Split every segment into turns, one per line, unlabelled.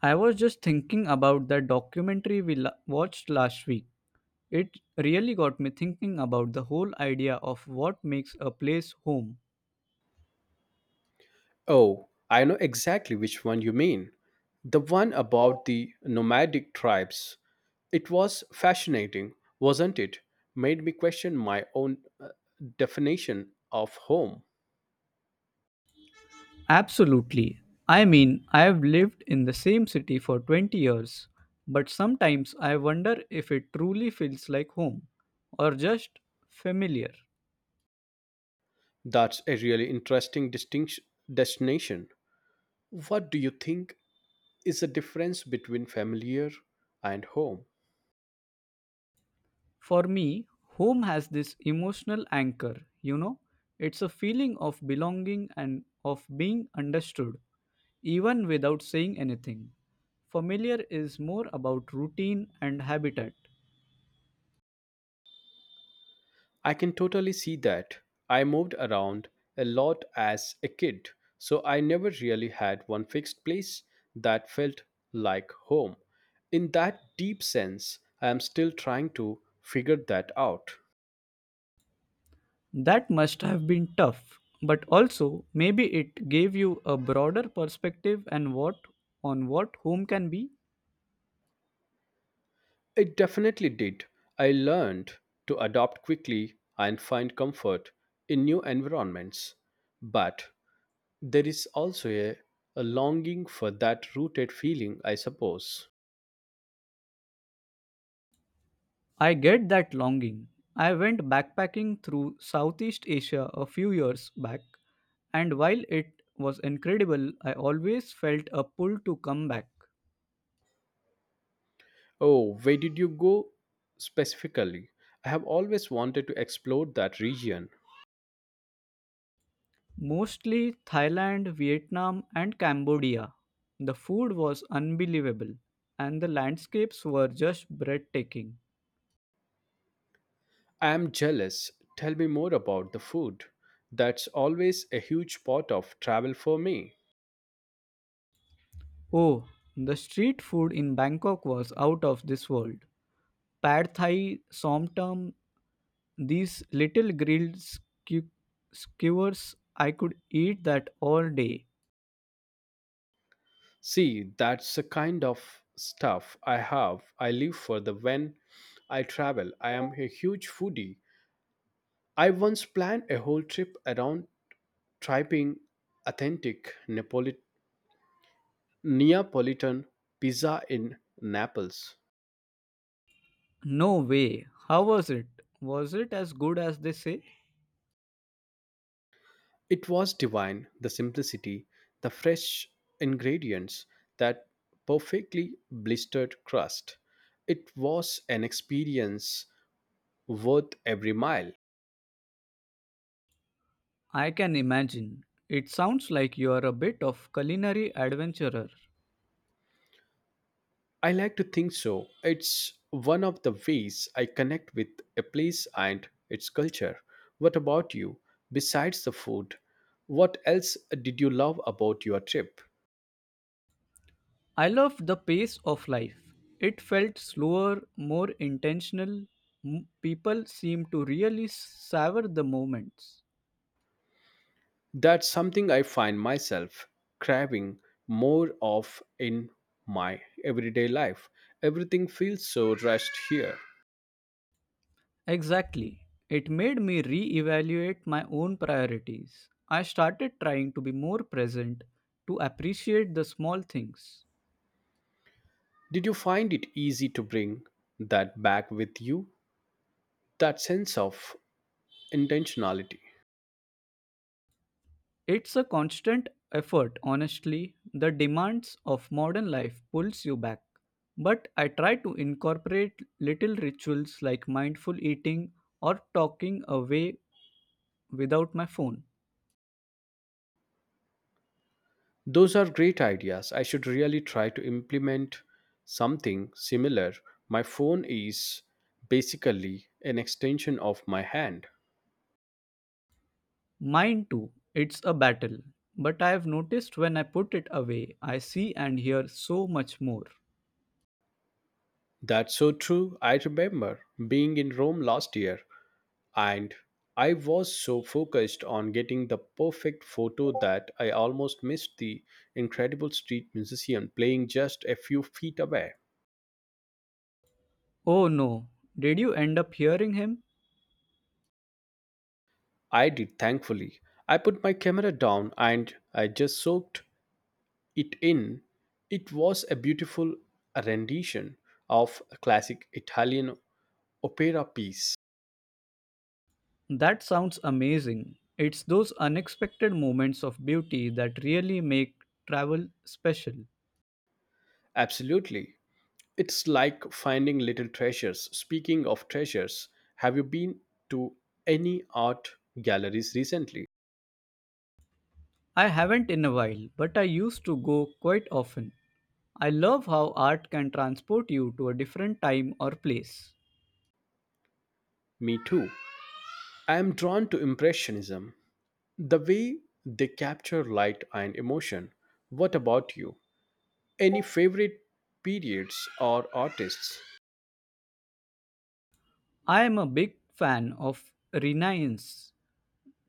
I was just thinking about that documentary watched last week. It really got me thinking about the whole idea of what makes a place home.
Oh, I know exactly which one you mean. The one about the nomadic tribes. It was fascinating, wasn't it? Made me question my own definition of home.
Absolutely. I mean, I have lived in the same city for 20 years, but sometimes I wonder if it truly feels like home or just familiar.
That's a really interesting distinction destination. What do you think is the difference between familiar and home?
For me, home has this emotional anchor, you know, it's a feeling of belonging and of being understood, even without saying anything. Familiar is more about routine and habitat.
I can totally see that. I moved around a lot as a kid, so I never really had one fixed place that felt like home. In that deep sense, I am still trying to figure that out.
That must have been tough, but also maybe it gave you a broader perspective and what on what home can be.
It definitely did. I learned to adapt quickly and find comfort in new environments. But there is also a longing for that rooted feeling, I suppose.
I get that longing. I went backpacking through Southeast Asia a few years back, and while it was incredible, I always felt a pull to come back.
Oh, where did you go specifically? I have always wanted to explore that region.
Mostly Thailand, Vietnam, and Cambodia. The food was unbelievable, and the landscapes were just breathtaking.
I am jealous. Tell me more about the food. That's always a huge part of travel for me.
Oh, the street food in Bangkok was out of this world. Pad Thai, Somtam, these little skewers, I could eat that all day.
See, that's the kind of stuff I have. I live for the when I travel. I am a huge foodie. I once planned a whole trip around trying authentic Neapolitan pizza in Naples.
No way. How was it? Was it as good as they say?
It was divine, the simplicity, the fresh ingredients, that perfectly blistered crust. It was an experience worth every mile.
I can imagine. It sounds like you are a bit of culinary adventurer.
I like to think so. It's one of the ways I connect with a place and its culture. What about you? Besides the food, what else did you love about your trip?
I loved the pace of life. It felt slower, more intentional. People seemed to really savor the moments.
That's something I find myself craving more of in my everyday life. Everything feels so rushed here.
Exactly. It made me reevaluate my own priorities. I started trying to be more present, to appreciate the small things.
Did you find it easy to bring that back with you? That sense of intentionality.
It's a constant effort, honestly. The demands of modern life pulls you back. But I try to incorporate little rituals like mindful eating or talking away without my phone.
Those are great ideas. I should really try to implement something similar. My phone is basically an extension of my hand.
Mine too, it's a battle. But I have noticed when I put it away, I see and hear so much more.
That's so true. I remember being in Rome last year and I was so focused on getting the perfect photo that I almost missed the incredible street musician playing just a few feet away.
Oh no, did you end up hearing him?
I did, thankfully. I put my camera down and I just soaked it in. It was a beautiful rendition of a classic Italian opera piece.
That sounds amazing. It's those unexpected moments of beauty that really make travel special.
Absolutely. It's like finding little treasures. Speaking of treasures, have you been to any art galleries recently?
I haven't in a while, but I used to go quite often. I love how art can transport you to a different time or place.
Me too. I am drawn to Impressionism, the way they capture light and emotion. What about you? Any favorite periods or artists?
I am a big fan of Renaissance.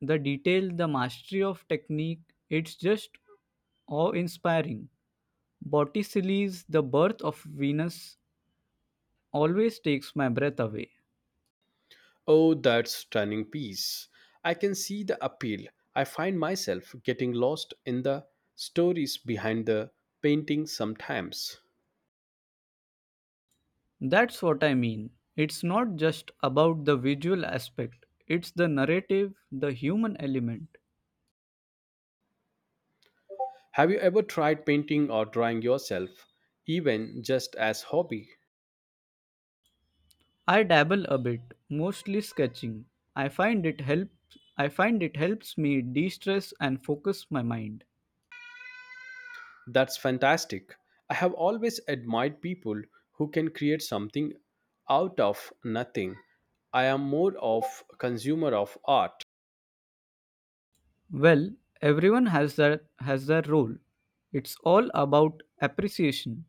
The detail, the mastery of technique, it's just awe inspiring. Botticelli's The Birth of Venus always takes my breath away.
Oh, that stunning piece. I can see the appeal. I find myself getting lost in the stories behind the painting sometimes.
That's what I mean. It's not just about the visual aspect, it's the narrative, the human element.
Have you ever tried painting or drawing yourself, even just as hobby?
I dabble a bit, mostly sketching. I find it helps me de-stress and focus my mind.
That's fantastic. I have always admired people who can create something out of nothing. I am more of a consumer of art.
Well, everyone has their role. It's all about appreciation.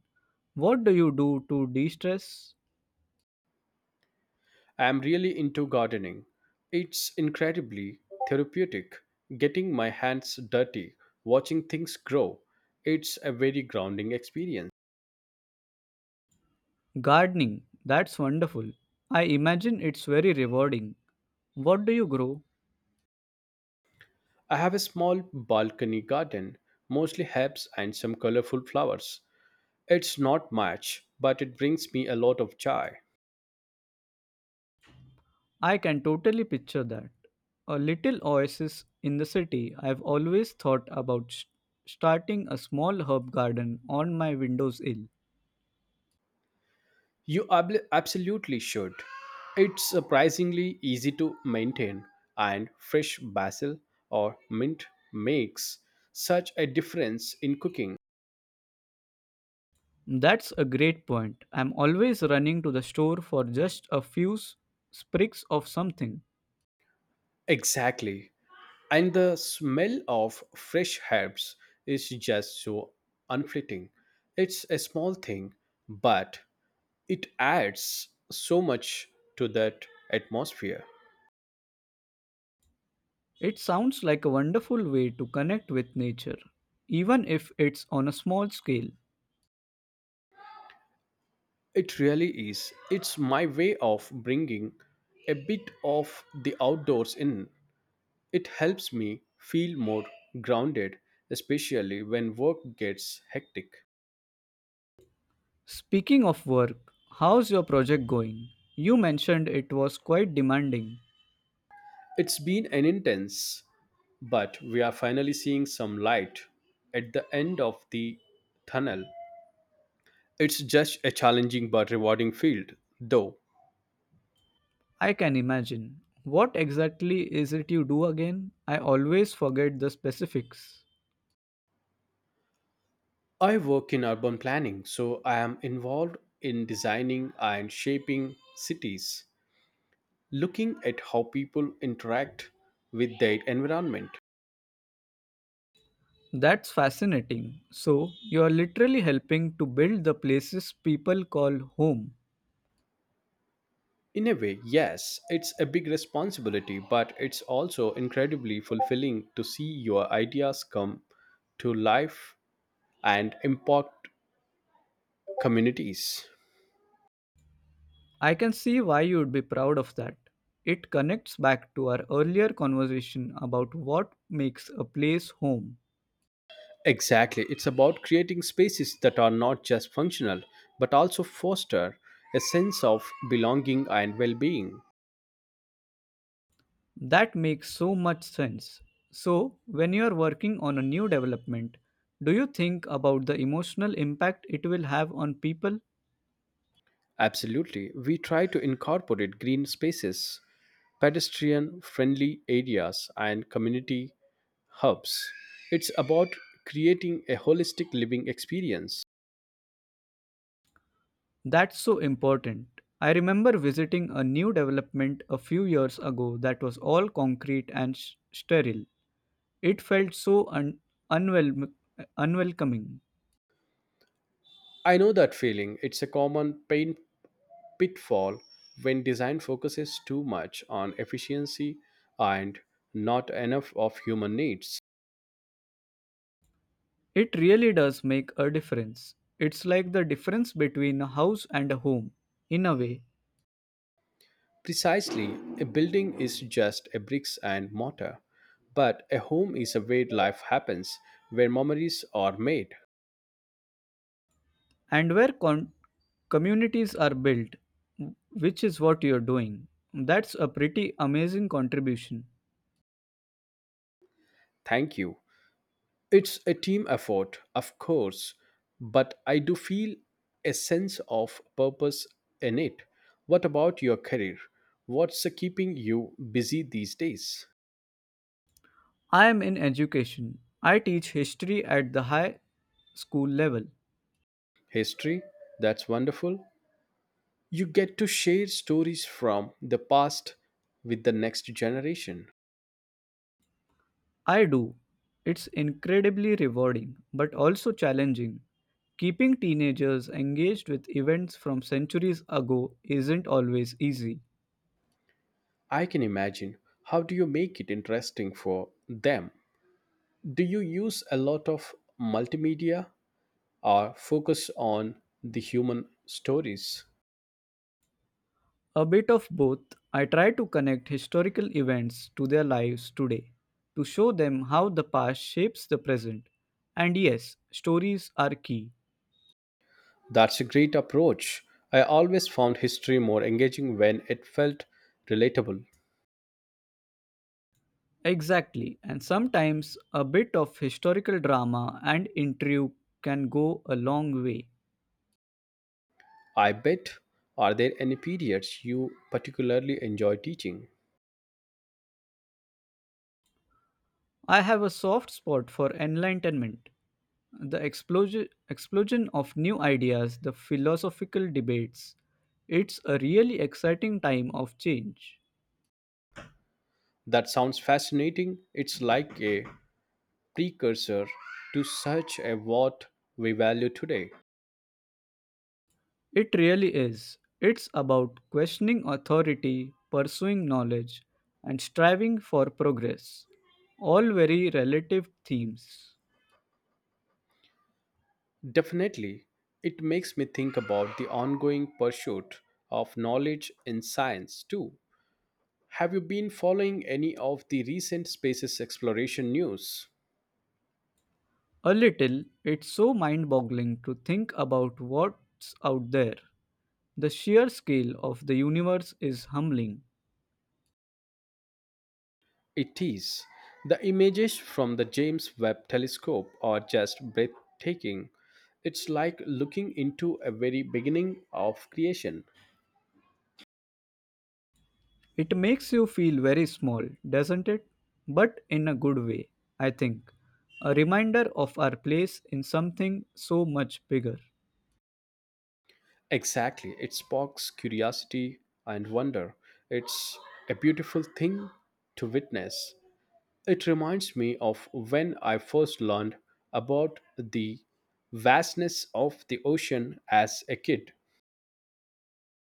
What do you do to de-stress?
I am really into gardening. It's incredibly therapeutic getting my hands dirty, watching things grow. It's a very grounding experience.
Gardening. That's wonderful. I imagine it's very rewarding. What do you grow?
I have a small balcony garden, mostly herbs and some colorful flowers. It's not much, but it brings me a lot of joy.
I can totally picture that. A little oasis in the city. I've always thought about starting a small herb garden on my windowsill.
You absolutely should. It's surprisingly easy to maintain, and fresh basil or mint makes such a difference in cooking.
That's a great point. I'm always running to the store for just a few sprigs of something.
Exactly. And the smell of fresh herbs is just so unfleeting. It's a small thing, but it adds so much to that atmosphere.
It sounds like a wonderful way to connect with nature, even if it's on a small scale.
It really is. It's my way of bringing a bit of the outdoors in. It helps me feel more grounded, especially when work gets hectic.
Speaking of work, how's your project going? You mentioned it was quite demanding.
It's been an intense, but we are finally seeing some light at the end of the tunnel. It's just a challenging but rewarding field, though.
I can imagine. What exactly is it you do again? I always forget the specifics.
I work in urban planning, so I am involved in designing and shaping cities looking at how people interact with their environment.
That's fascinating. So, you are literally helping to build the places people call home.
In a way, yes, it's a big responsibility, but it's also incredibly fulfilling to see your ideas come to life and impact communities.
I can see why you would be proud of that. It connects back to our earlier conversation about what makes a place home.
Exactly, it's about creating spaces that are not just functional, but also foster a sense of belonging and well being.
That makes so much sense. So, when you are working on a new development, do you think about the emotional impact it will have on people?
Absolutely. We try to incorporate green spaces pedestrian friendly areas, and community hubs. It's about creating a holistic living experience.
That's so important. I remember visiting a new development a few years ago that was all concrete and sterile. It felt so unwelm- unwelcoming.
I know that feeling. It's a common pain pitfall when design focuses too much on efficiency and not enough of human needs.
It really does make a difference. It's like the difference between a house and a home, in a way,
Precisely, a building is just a bricks and mortar, but a home is a where life happens, where memories are made.
and where communities are built, which is what you're doing. That's a pretty amazing contribution.
Thank you. It's a team effort, of course, but I do feel a sense of purpose in it. What about your career? What's keeping you busy these days?
I am in education. I teach history at the high school level.
History? That's wonderful. You get to share stories from the past with the next generation.
I do. It's incredibly rewarding, but also challenging. Keeping teenagers engaged with events from centuries ago isn't always easy.
I can imagine. How do you make it interesting for them? Do you use a lot of multimedia or focus on the human stories?
A bit of both, I try to connect historical events to their lives today, to show them how the past shapes the present. And yes, stories are key.
That's a great approach. I always found history more engaging when it felt relatable.
Exactly, and sometimes a bit of historical drama and intrigue can go a long way.
I bet. Are there any periods you particularly enjoy teaching?
I have a soft spot for enlightenment. The explosion of new ideas, the philosophical debates. It's a really exciting time of change.
That sounds fascinating. It's like a precursor to such a what we value today.
It really is. It's about questioning authority, pursuing knowledge, and striving for progress. All very relative themes.
Definitely. It makes me think about the ongoing pursuit of knowledge in science too. Have you been following any of the recent spaces exploration news?
A little, it's so mind boggling to think about what's out there. The sheer scale of the universe is humbling.
It is. The images from the James Webb telescope are just breathtaking. It's like looking into a very beginning of creation.
It makes you feel very small, doesn't it? But in a good way, I think. A reminder of our place in something so much bigger.
Exactly. It sparks curiosity and wonder. It's a beautiful thing to witness. It reminds me of when I first learned about the vastness of the ocean as a kid.